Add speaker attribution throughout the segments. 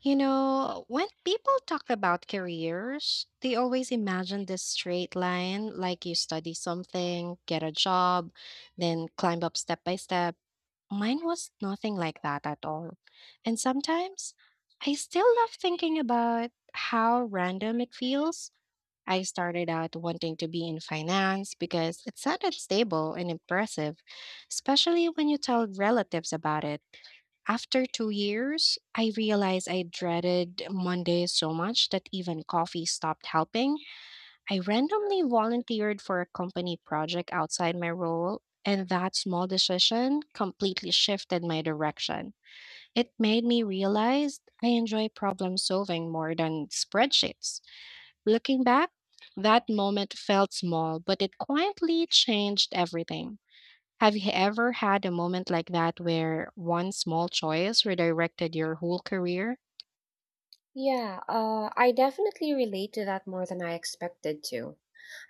Speaker 1: You know, when people talk about careers, they always imagine this straight line like you study something, get a job, then climb up step by step. Mine was nothing like that at all. And sometimes I still love thinking about how random it feels. I started out wanting to be in finance because it sounded stable and impressive, especially when you tell relatives about it. After 2 years, I realized I dreaded Mondays so much that even coffee stopped helping. I randomly volunteered for a company project outside my role, and that small decision completely shifted my direction. It made me realize I enjoy problem solving more than spreadsheets. Looking back, that moment felt small, but it quietly changed everything. Have you ever had a moment like that where one small choice redirected your whole career?
Speaker 2: Yeah, I definitely relate to that more than I expected to.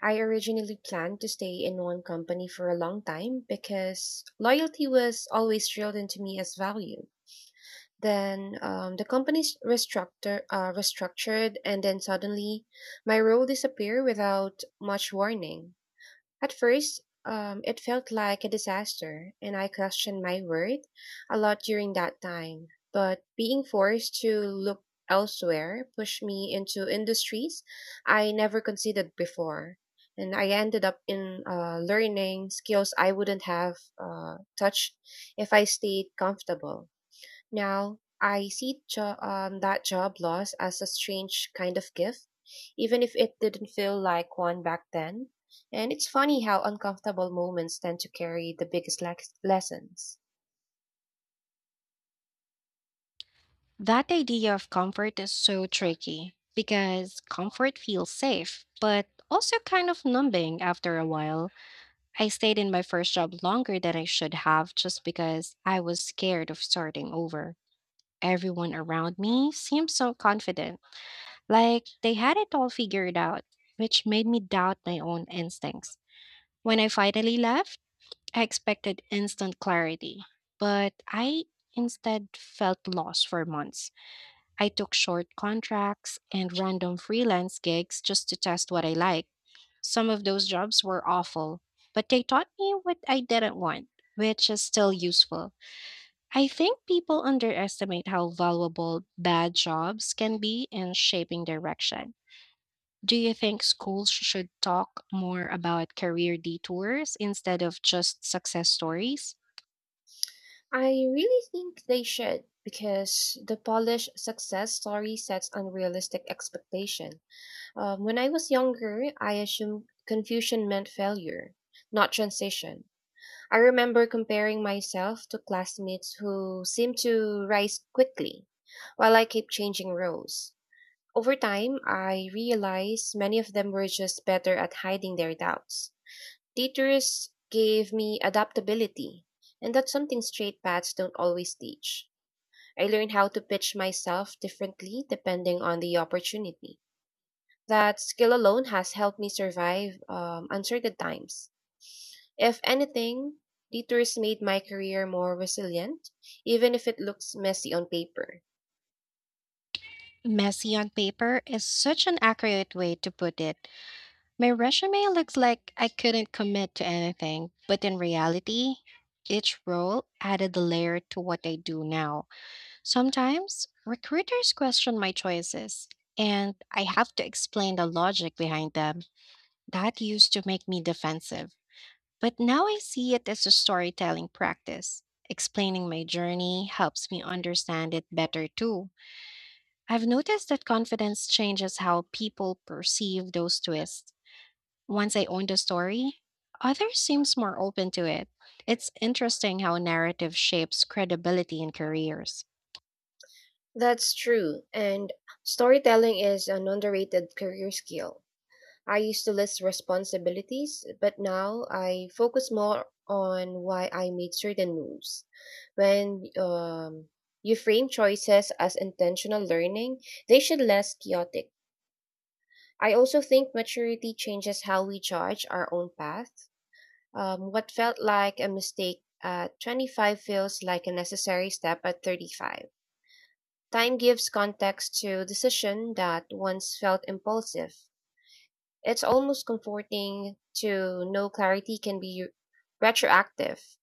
Speaker 2: I originally planned to stay in one company for a long time because loyalty was always drilled into me as value. Then the company s- restructure, restructured, and then suddenly my role disappeared without much warning. At first, it felt like a disaster, and I questioned my worth a lot during that time. But being forced to look elsewhere pushed me into industries I never considered before. And I ended up in learning skills I wouldn't have touched if I stayed comfortable. Now, I see that job loss as a strange kind of gift, even if it didn't feel like one back then. And it's funny how uncomfortable moments tend to carry the biggest lessons.
Speaker 1: That idea of comfort is so tricky because comfort feels safe, but also kind of numbing after a while. I stayed in my first job longer than I should have just because I was scared of starting over. Everyone around me seemed so confident, like they had it all figured out, which made me doubt my own instincts. When I finally left, I expected instant clarity, but I instead felt lost for months. I took short contracts and random freelance gigs just to test what I liked. Some of those jobs were awful, but they taught me what I didn't want, which is still useful. I think people underestimate how valuable bad jobs can be in shaping direction. Do you think schools should talk more about career detours instead of just success stories?
Speaker 2: I really think they should because the polished success story sets unrealistic expectation. When I was younger, I assumed confusion meant failure, not transition. I remember comparing myself to classmates who seemed to rise quickly, while I kept changing roles. Over time, I realized many of them were just better at hiding their doubts. Teachers gave me adaptability, and that's something straight paths don't always teach. I learned how to pitch myself differently depending on the opportunity. That skill alone has helped me survive uncertain times. If anything, detours made my career more resilient, even if it looks messy on paper.
Speaker 1: Messy on paper is such an accurate way to put it. My resume looks like I couldn't commit to anything, but in reality, each role added a layer to what I do now. Sometimes recruiters question my choices, and I have to explain the logic behind them. That used to make me defensive, but now I see it as a storytelling practice. Explaining my journey helps me understand it better too. I've noticed that confidence changes how people perceive those twists. Once I owned a story, others seems more open to it. It's interesting how narrative shapes credibility in careers.
Speaker 2: That's true, and storytelling is an underrated career skill. I used to list responsibilities, but now I focus more on why I made certain moves. When you frame choices as intentional learning, they should less chaotic. I also think maturity changes how we judge our own path. What felt like a mistake at 25 feels like a necessary step at 35. Time gives context to decision that once felt impulsive. It's almost comforting to know clarity can be retroactive.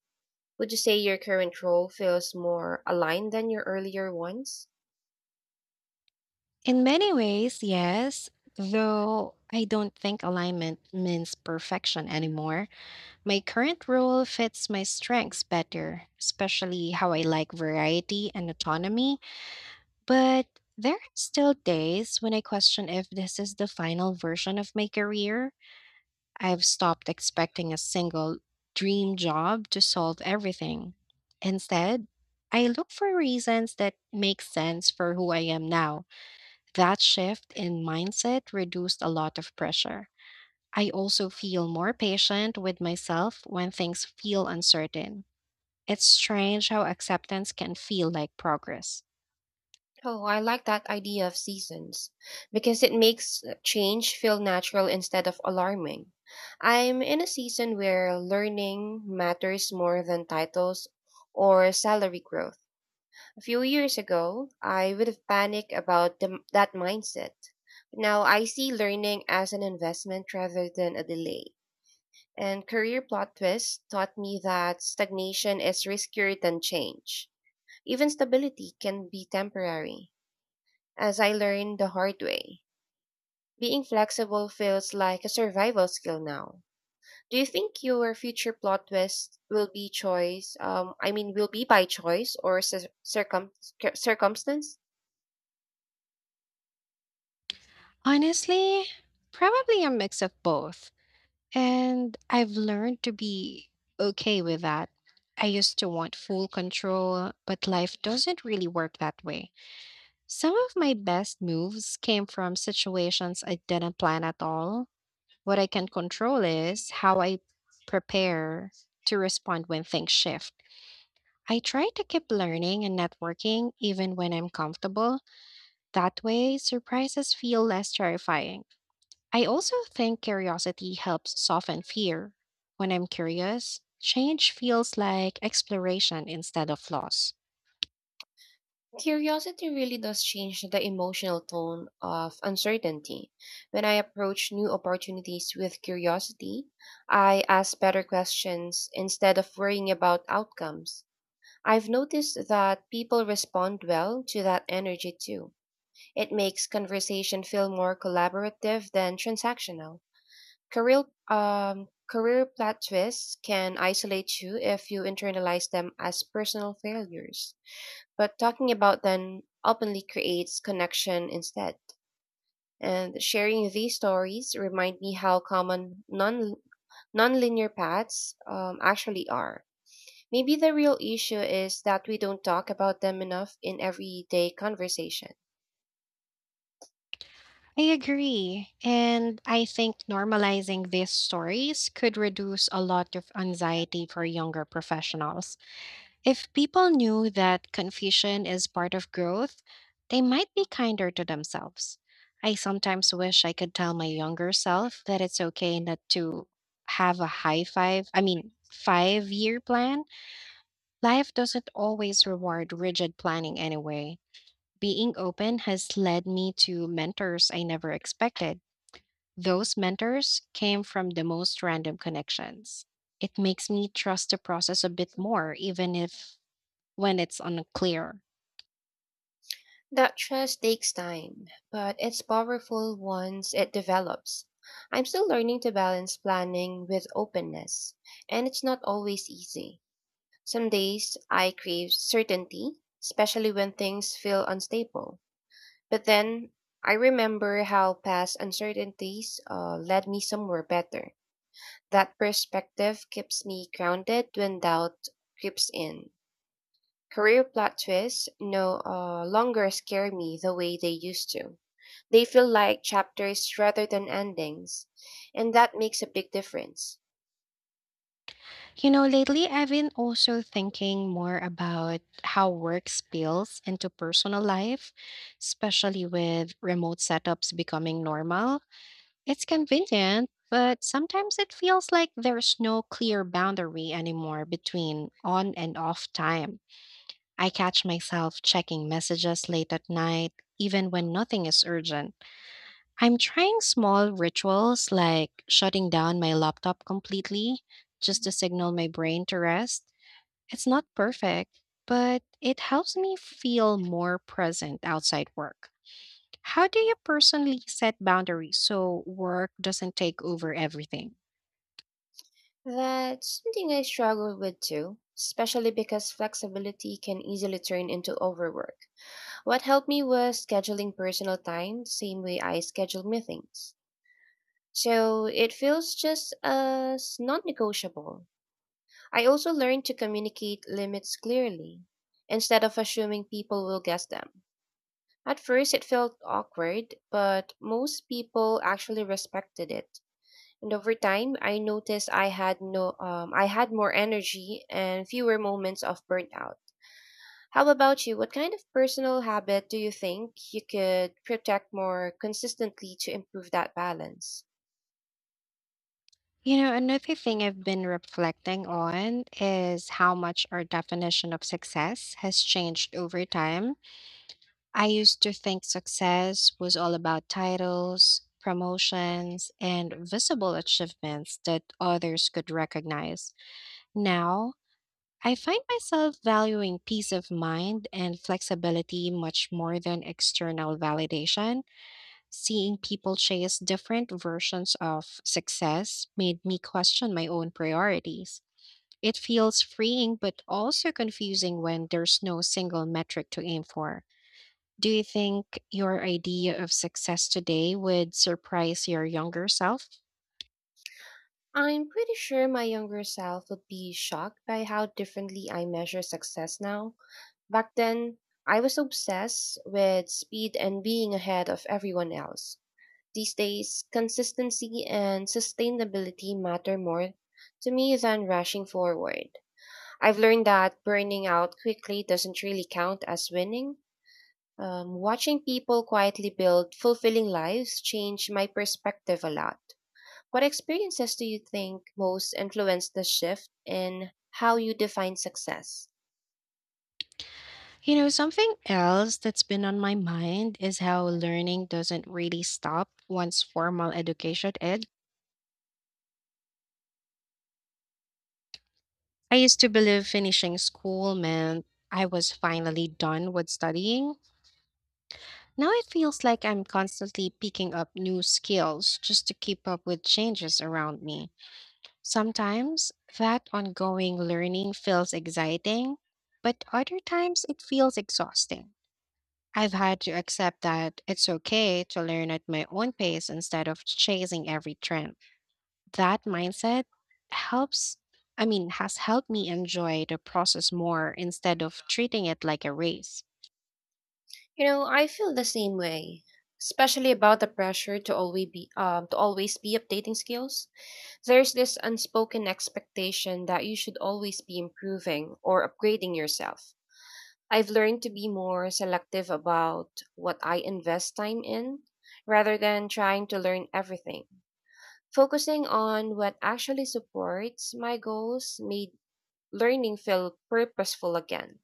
Speaker 2: Would you say your current role feels more aligned than your earlier ones?
Speaker 1: In many ways, yes, though I don't think alignment means perfection anymore. My current role fits my strengths better, especially how I like variety and autonomy. But there are still days when I question if this is the final version of my career. I've stopped expecting a single dream job to solve everything. Instead, I look for reasons that make sense for who I am now. That shift in mindset reduced a lot of pressure. I also feel more patient with myself when things feel uncertain. It's strange how acceptance can feel like progress.
Speaker 2: Oh, I like that idea of seasons because it makes change feel natural instead of alarming. I'm in a season where learning matters more than titles or salary growth. A few years ago, I would have panicked about that mindset. Now I see learning as an investment rather than a delay. And career plot twist taught me that stagnation is riskier than change. Even stability can be temporary as I learned the hard way. Being flexible feels like a survival skill now. Do you think your future plot twist will be choice? I mean, will be by choice or circumstance?
Speaker 1: Honestly, probably a mix of both. And I've learned to be okay with that. I used to want full control, but life doesn't really work that way. Some of my best moves came from situations I didn't plan at all. What I can control is how I prepare to respond when things shift. I try to keep learning and networking even when I'm comfortable. That way, surprises feel less terrifying. I also think curiosity helps soften fear. When I'm curious, change feels like exploration instead of loss.
Speaker 2: Curiosity really does change the emotional tone of uncertainty. When I approach new opportunities with curiosity, I ask better questions instead of worrying about outcomes. I've noticed that people respond well to that energy too. It makes conversation feel more collaborative than transactional. Career, career plot twists can isolate you if you internalize them as personal failures. But talking about them openly creates connection instead. And sharing these stories remind me how common nonlinear paths actually are. Maybe the real issue is that we don't talk about them enough in everyday conversation.
Speaker 1: I agree. And I think normalizing these stories could reduce a lot of anxiety for younger professionals. If people knew that confusion is part of growth, they might be kinder to themselves. I sometimes wish I could tell my younger self that it's okay not to have a high five, I mean, 5 year plan. Life doesn't always reward rigid planning anyway. Being open has led me to mentors I never expected. Those mentors came from the most random connections. It makes me trust the process a bit more, even if when it's unclear.
Speaker 2: That trust takes time, but it's powerful once it develops. I'm still learning to balance planning with openness, and it's not always easy. Some days I crave certainty, especially when things feel unstable. But then I remember how past uncertainties led me somewhere better. That perspective keeps me grounded when doubt creeps in. Career plot twists no longer scare me the way they used to. They feel like chapters rather than endings, and that makes a big difference.
Speaker 1: You know, lately I've been also thinking more about how work spills into personal life, especially with remote setups becoming normal. It's convenient, but sometimes it feels like there's no clear boundary anymore between on and off time. I catch myself checking messages late at night, even when nothing is urgent. I'm trying small rituals like shutting down my laptop completely just to signal my brain to rest. It's not perfect, but it helps me feel more present outside work. How do you personally set boundaries so work doesn't take over everything?
Speaker 2: That's something I struggle with too, especially because flexibility can easily turn into overwork. What helped me was scheduling personal time the same way I schedule meetings, so it feels just as non negotiable. I also learned to communicate limits clearly instead of assuming people will guess them. At first, it felt awkward, but most people actually respected it. And over time, I noticed I had no, I had more energy and fewer moments of burnout. How about you? What kind of personal habit do you think you could protect more consistently to improve that balance?
Speaker 1: You know, another thing I've been reflecting on is how much our definition of success has changed over time. I used to think success was all about titles, promotions, and visible achievements that others could recognize. Now, I find myself valuing peace of mind and flexibility much more than external validation. Seeing people chase different versions of success made me question my own priorities. It feels freeing but also confusing when there's no single metric to aim for. Do you think your idea of success today would surprise your younger self?
Speaker 2: I'm pretty sure my younger self would be shocked by how differently I measure success now. Back then, I was obsessed with speed and being ahead of everyone else. These days, consistency and sustainability matter more to me than rushing forward. I've learned that burning out quickly doesn't really count as winning. Watching people quietly build fulfilling lives changed my perspective a lot. What experiences do you think most influenced the shift in how you define success?
Speaker 1: You know, something else that's been on my mind is how learning doesn't really stop once formal education ends. I used to believe finishing school meant I was finally done with studying. Now it feels like I'm constantly picking up new skills just to keep up with changes around me. Sometimes that ongoing learning feels exciting, but other times it feels exhausting. I've had to accept that it's okay to learn at my own pace instead of chasing every trend. That mindset helps, has helped me enjoy the process more instead of treating it like a race.
Speaker 2: You know, I feel the same way, especially about the pressure to always be updating skills. There's this unspoken expectation that you should always be improving or upgrading yourself. I've learned to be more selective about what I invest time in rather than trying to learn everything. Focusing on what actually supports my goals made learning feel purposeful again.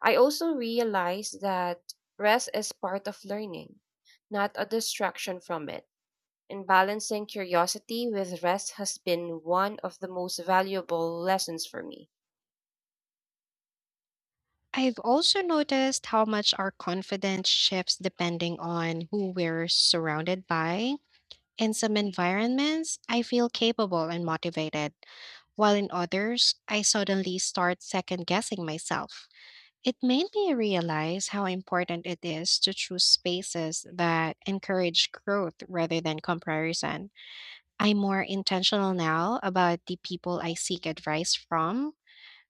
Speaker 2: I also realized that rest is part of learning, not a distraction from it, and balancing curiosity with rest has been one of the most valuable lessons for me.
Speaker 1: I've also noticed how much our confidence shifts depending on who we're surrounded by. In some environments, I feel capable and motivated, while in others, I suddenly start second guessing myself. It made me realize how important it is to choose spaces that encourage growth rather than comparison. I'm more intentional now about the people I seek advice from.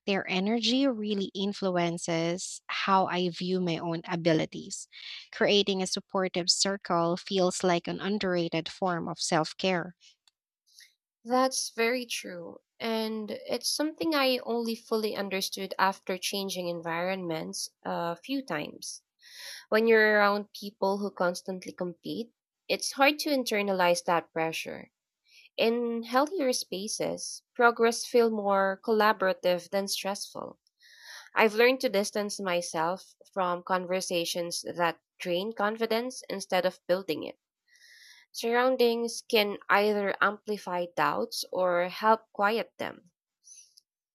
Speaker 1: Their energy really influences how I view my own abilities. Creating a supportive circle feels like an underrated form of self care.
Speaker 2: That's very true. And it's something I only fully understood after changing environments a few times. When you're around people who constantly compete, it's hard to internalize that pressure. In healthier spaces, progress feels more collaborative than stressful. I've learned to distance myself from conversations that drain confidence instead of building it. Surroundings can either amplify doubts or help quiet them.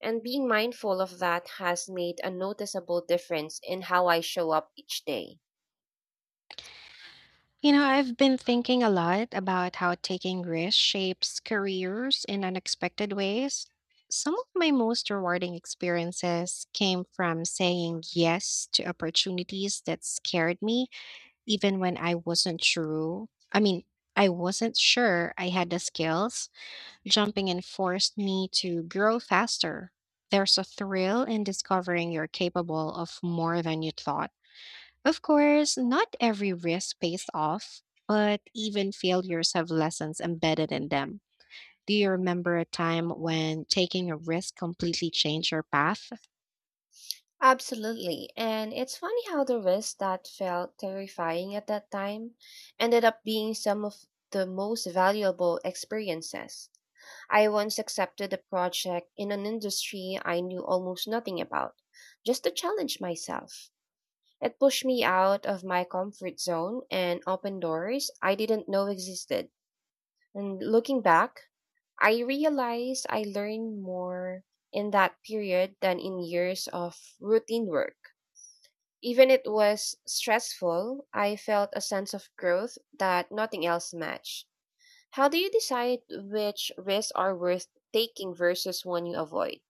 Speaker 2: And being mindful of that has made a noticeable difference in how I show up each day.
Speaker 1: You know, I've been thinking a lot about how taking risks shapes careers in unexpected ways. Some of my most rewarding experiences came from saying yes to opportunities that scared me, even when I wasn't sure. I mean, I wasn't sure I had the skills. Jumping in forced me to grow faster. There's a thrill in discovering you're capable of more than you thought. Of course, not every risk pays off, but even failures have lessons embedded in them. Do you remember a time when taking a risk completely changed your path?
Speaker 2: Absolutely. And it's funny how the risk that felt terrifying at that time ended up being some of the most valuable experiences. I once accepted a project in an industry I knew almost nothing about, just to challenge myself. It pushed me out of my comfort zone and opened doors I didn't know existed. And looking back, I realized I learned more in that period than in years of routine work. Even it was stressful, I felt a sense of growth that nothing else matched. How do you decide which risks are worth taking versus one you avoid?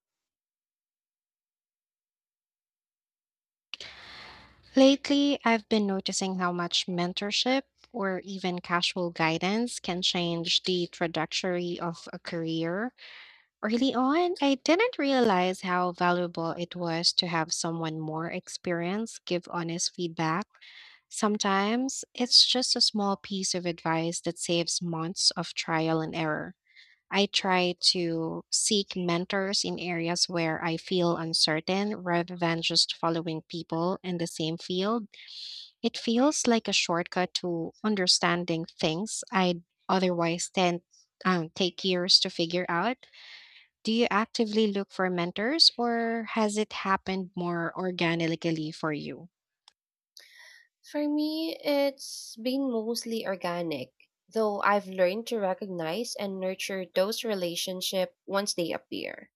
Speaker 1: Lately, I've been noticing how much mentorship or even casual guidance can change the trajectory of a career. Early on, I didn't realize how valuable it was to have someone more experienced give honest feedback. Sometimes it's just a small piece of advice that saves months of trial and error. I try to seek mentors in areas where I feel uncertain rather than just following people in the same field. It feels like a shortcut to understanding things I'd otherwise tend take years to figure out. Do you actively look for mentors or has it happened more organically for you?
Speaker 2: For me, it's been mostly organic, though I've learned to recognize and nurture those relationships once they appear.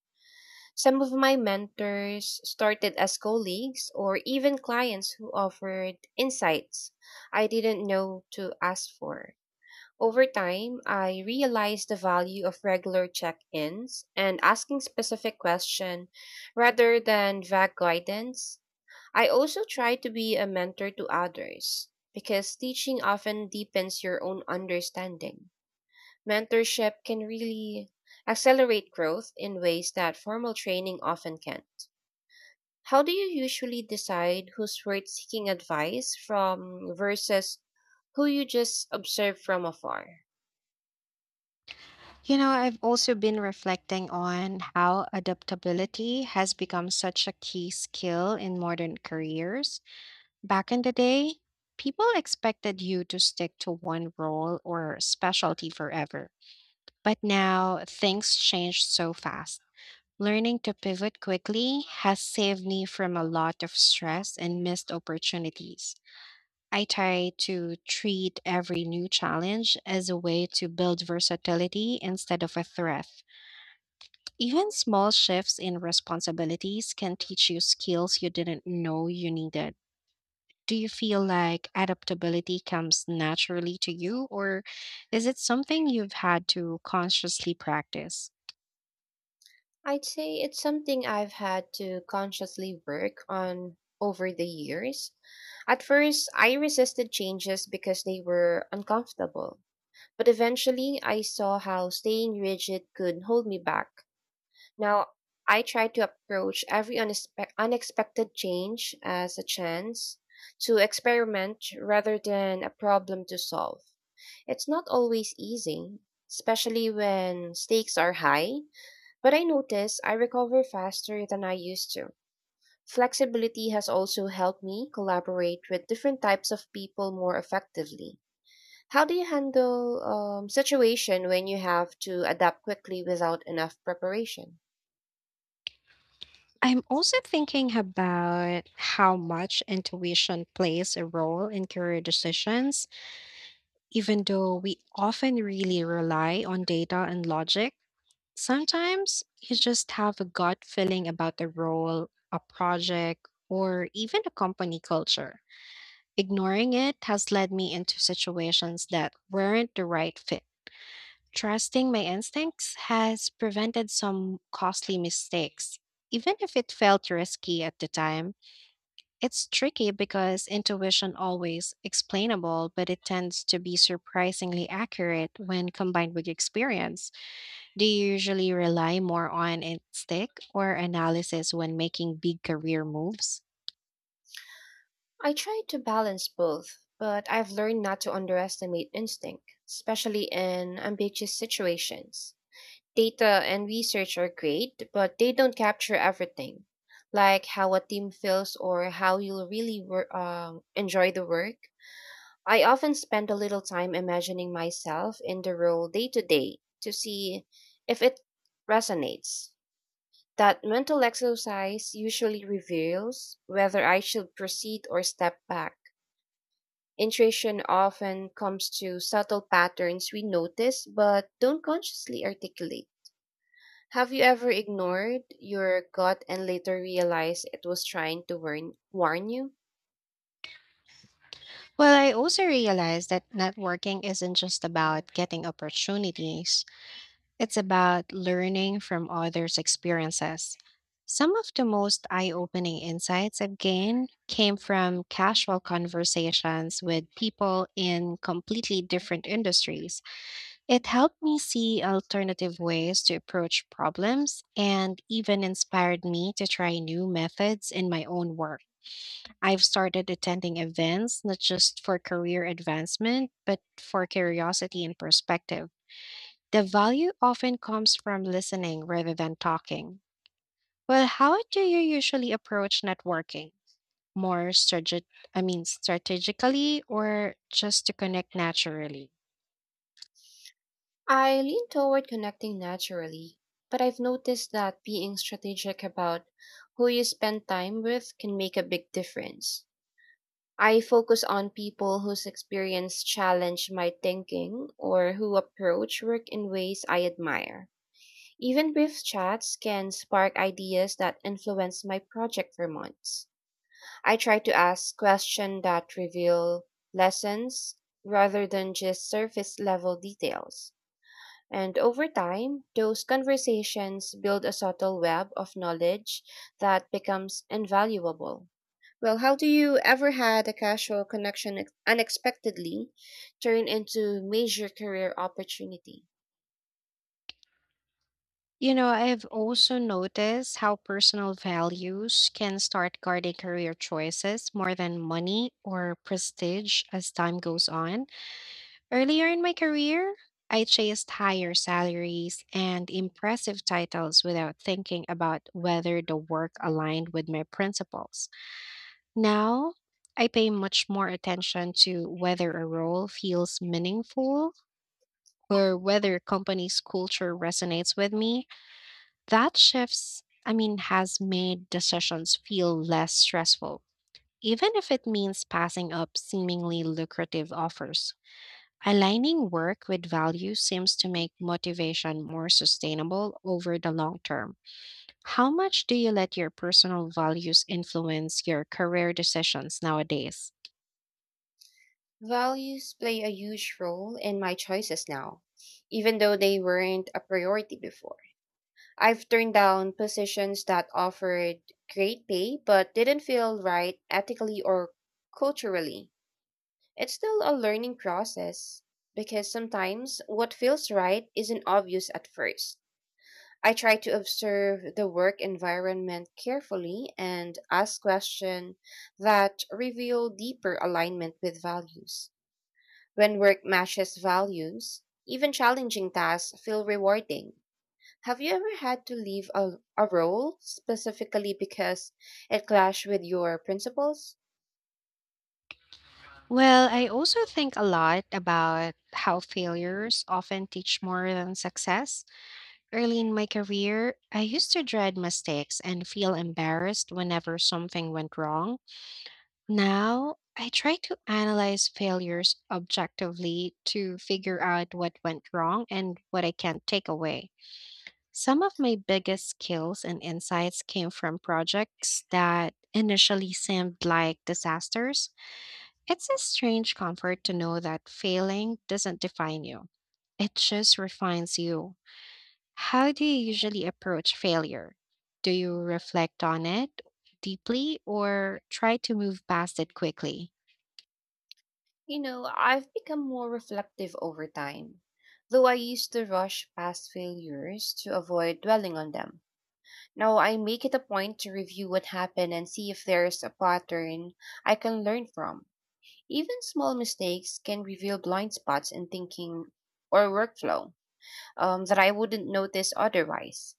Speaker 2: Some of my mentors started as colleagues or even clients who offered insights I didn't know to ask for. Over time, I realized the value of regular check-ins and asking specific questions rather than vague guidance. I also try to be a mentor to others because teaching often deepens your own understanding. Mentorship can really accelerate growth in ways that formal training often can. How do you usually decide who's worth seeking advice from versus who you just observe from afar?
Speaker 1: You know, I've also been reflecting on how adaptability has become such a key skill in modern careers. Back in the day, people expected you to stick to one role or specialty forever. But now things change so fast. Learning to pivot quickly has saved me from a lot of stress and missed opportunities. I try to treat every new challenge as a way to build versatility instead of a threat. Even small shifts in responsibilities can teach you skills you didn't know you needed. Do you feel like adaptability comes naturally to you, or is it something you've had to consciously practice?
Speaker 2: I'd say it's something I've had to consciously work on over the years. At first, I resisted changes because they were uncomfortable, but eventually I saw how staying rigid could hold me back. Now, I try to approach every unexpected change as a chance to experiment rather than a problem to solve. It's not always easy, especially when stakes are high, but I notice I recover faster than I used to. Flexibility has also helped me collaborate with different types of people more effectively. How do you handle situation when you have to adapt quickly without enough preparation?
Speaker 1: I'm also thinking about how much intuition plays a role in career decisions. Even though we often really rely on data and logic, sometimes you just have a gut feeling about a role, a project, or even a company culture. Ignoring it has led me into situations that weren't the right fit. Trusting my instincts has prevented some costly mistakes, even if it felt risky at the time. It's tricky because intuition always explainable, but it tends to be surprisingly accurate when combined with experience. Do you usually rely more on instinct or analysis when making big career moves?
Speaker 2: I try to balance both, but I've learned not to underestimate instinct, especially in ambiguous situations. Data and research are great, but they don't capture everything, like how a team feels or how you'll really enjoy the work. I often spend a little time imagining myself in the role day to day to see if it resonates. That mental exercise usually reveals whether I should proceed or step back. Intuition often comes to subtle patterns we notice but don't consciously articulate. Have you ever ignored your gut and later realized it was trying to warn you?
Speaker 1: Well, I also realized that networking isn't just about getting opportunities. It's about learning from others' experiences. Some of the most eye opening insights I've gained came from casual conversations with people in completely different industries. It helped me see alternative ways to approach problems and even inspired me to try new methods in my own work. I've started attending events not just for career advancement, but for curiosity and perspective. The value often comes from listening rather than talking. Well, how do you usually approach networking? More strategic, I mean, strategically or just to connect naturally?
Speaker 2: I lean toward connecting naturally, but I've noticed that being strategic about who you spend time with can make a big difference. I focus on people whose experience challenge my thinking or who approach work in ways I admire. Even brief chats can spark ideas that influence my project for months. I try to ask questions that reveal lessons rather than just surface level details. And over time, those conversations build a subtle web of knowledge that becomes invaluable. Well, how do you ever had a casual connection unexpectedly turn into major career opportunity?
Speaker 1: You know, I've also noticed how personal values can start guarding career choices more than money or prestige as time goes on. Earlier in my career, I chased higher salaries and impressive titles without thinking about whether the work aligned with my principles. Now, I pay much more attention to whether a role feels meaningful or whether a company's culture resonates with me. That shifts, I mean, has made decisions feel less stressful, even if it means passing up seemingly lucrative offers. Aligning work with values seems to make motivation more sustainable over the long term. How much do you let your personal values influence your career decisions nowadays?
Speaker 2: Values play a huge role in my choices now, even though they weren't a priority before. I've turned down positions that offered great pay but didn't feel right ethically or culturally. It's still a learning process because sometimes what feels right isn't obvious at first. I try to observe the work environment carefully and ask questions that reveal deeper alignment with values. When work matches values, even challenging tasks feel rewarding. Have you ever had to leave a role specifically because it clashed with your principles?
Speaker 1: Well, I also think a lot about how failures often teach more than success. Early in my career, I used to dread mistakes and feel embarrassed whenever something went wrong. Now, I try to analyze failures objectively to figure out what went wrong and what I can take away. Some of my biggest skills and insights came from projects that initially seemed like disasters. It's a strange comfort to know that failing doesn't define you, it just refines you. How do you usually approach failure? Do you reflect on it deeply or try to move past it quickly?
Speaker 2: You know, I've become more reflective over time, though I used to rush past failures to avoid dwelling on them. Now I make it a point to review what happened and see if there's a pattern I can learn from. Even small mistakes can reveal blind spots in thinking or workflow that I wouldn't notice otherwise.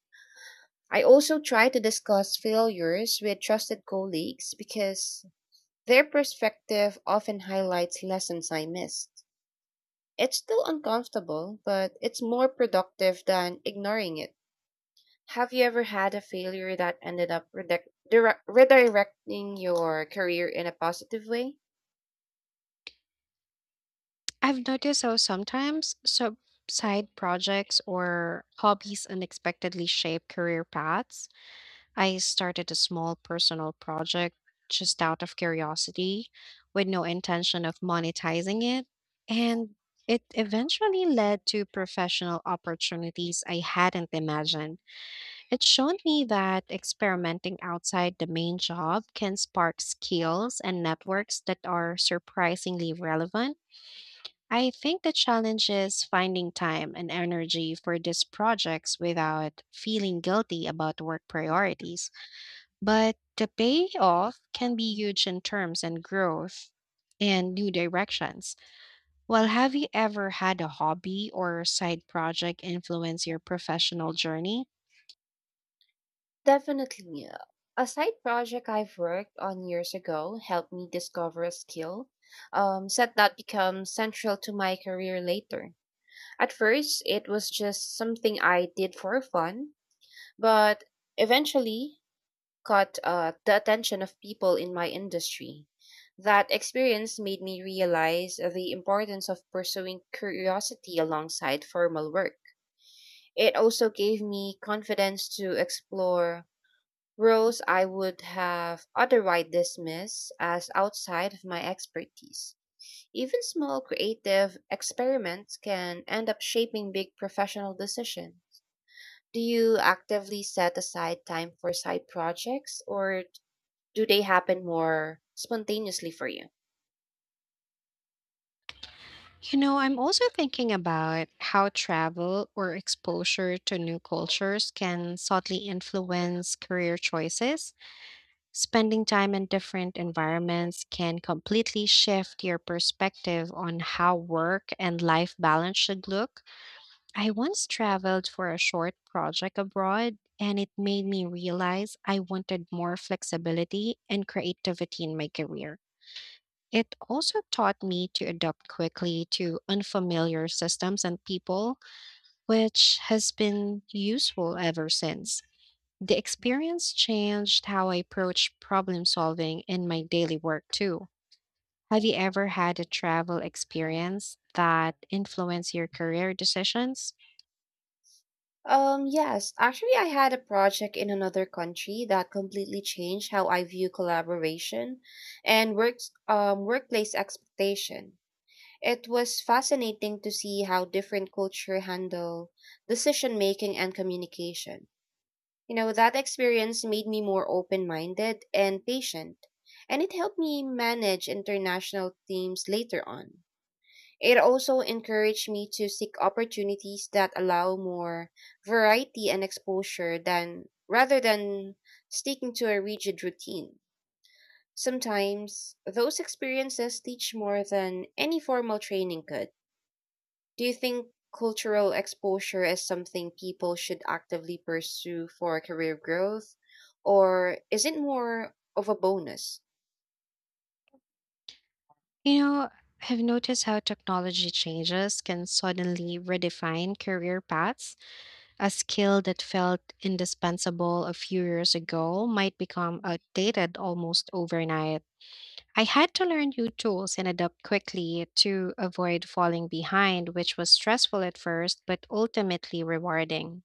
Speaker 2: I also try to discuss failures with trusted colleagues because their perspective often highlights lessons I missed. It's still uncomfortable, but it's more productive than ignoring it. Have you ever had a failure that ended up redirecting your career in a positive way?
Speaker 1: I've noticed how sometimes sub side projects or hobbies unexpectedly shape career paths. I started a small personal project just out of curiosity with no intention of monetizing it. And it eventually led to professional opportunities I hadn't imagined. It showed me that experimenting outside the main job can spark skills and networks that are surprisingly relevant. I think the challenge is finding time and energy for these projects without feeling guilty about work priorities. But the payoff can be huge in terms and growth and new directions. Well, have you ever had a hobby or side project influence your professional journey?
Speaker 2: Definitely. Yeah. A side project I've worked on years ago helped me discover a skill set that becomes central to my career later. At first, it was just something I did for fun, but eventually caught the attention of people in my industry. That experience made me realize the importance of pursuing curiosity alongside formal work. It also gave me confidence to explore roles I would have otherwise dismissed as outside of my expertise. Even small creative experiments can end up shaping big professional decisions. Do you actively set aside time for side projects or do they happen more spontaneously for you?
Speaker 1: You know, I'm also thinking about how travel or exposure to new cultures can subtly influence career choices. Spending time in different environments can completely shift your perspective on how work and life balance should look. I once traveled for a short project abroad, and it made me realize I wanted more flexibility and creativity in my career. It also taught me to adapt quickly to unfamiliar systems and people, which has been useful ever since. The experience changed how I approach problem solving in my daily work too. Have you ever had a travel experience that influenced your career decisions?
Speaker 2: Yes, actually, I had a project in another country that completely changed how I view collaboration and workplace expectation. It was fascinating to see how different culture handle decision making and communication. You know, that experience made me more open minded and patient, and it helped me manage international teams later on. It also encouraged me to seek opportunities that allow more variety and exposure than rather than sticking to a rigid routine. Sometimes those experiences teach more than any formal training could. Do you think cultural exposure is something people should actively pursue for career growth, or is it more of a bonus?
Speaker 1: You know, I have noticed how technology changes can suddenly redefine career paths. A skill that felt indispensable a few years ago might become outdated almost overnight. I had to learn new tools and adapt quickly to avoid falling behind, which was stressful at first, but ultimately rewarding.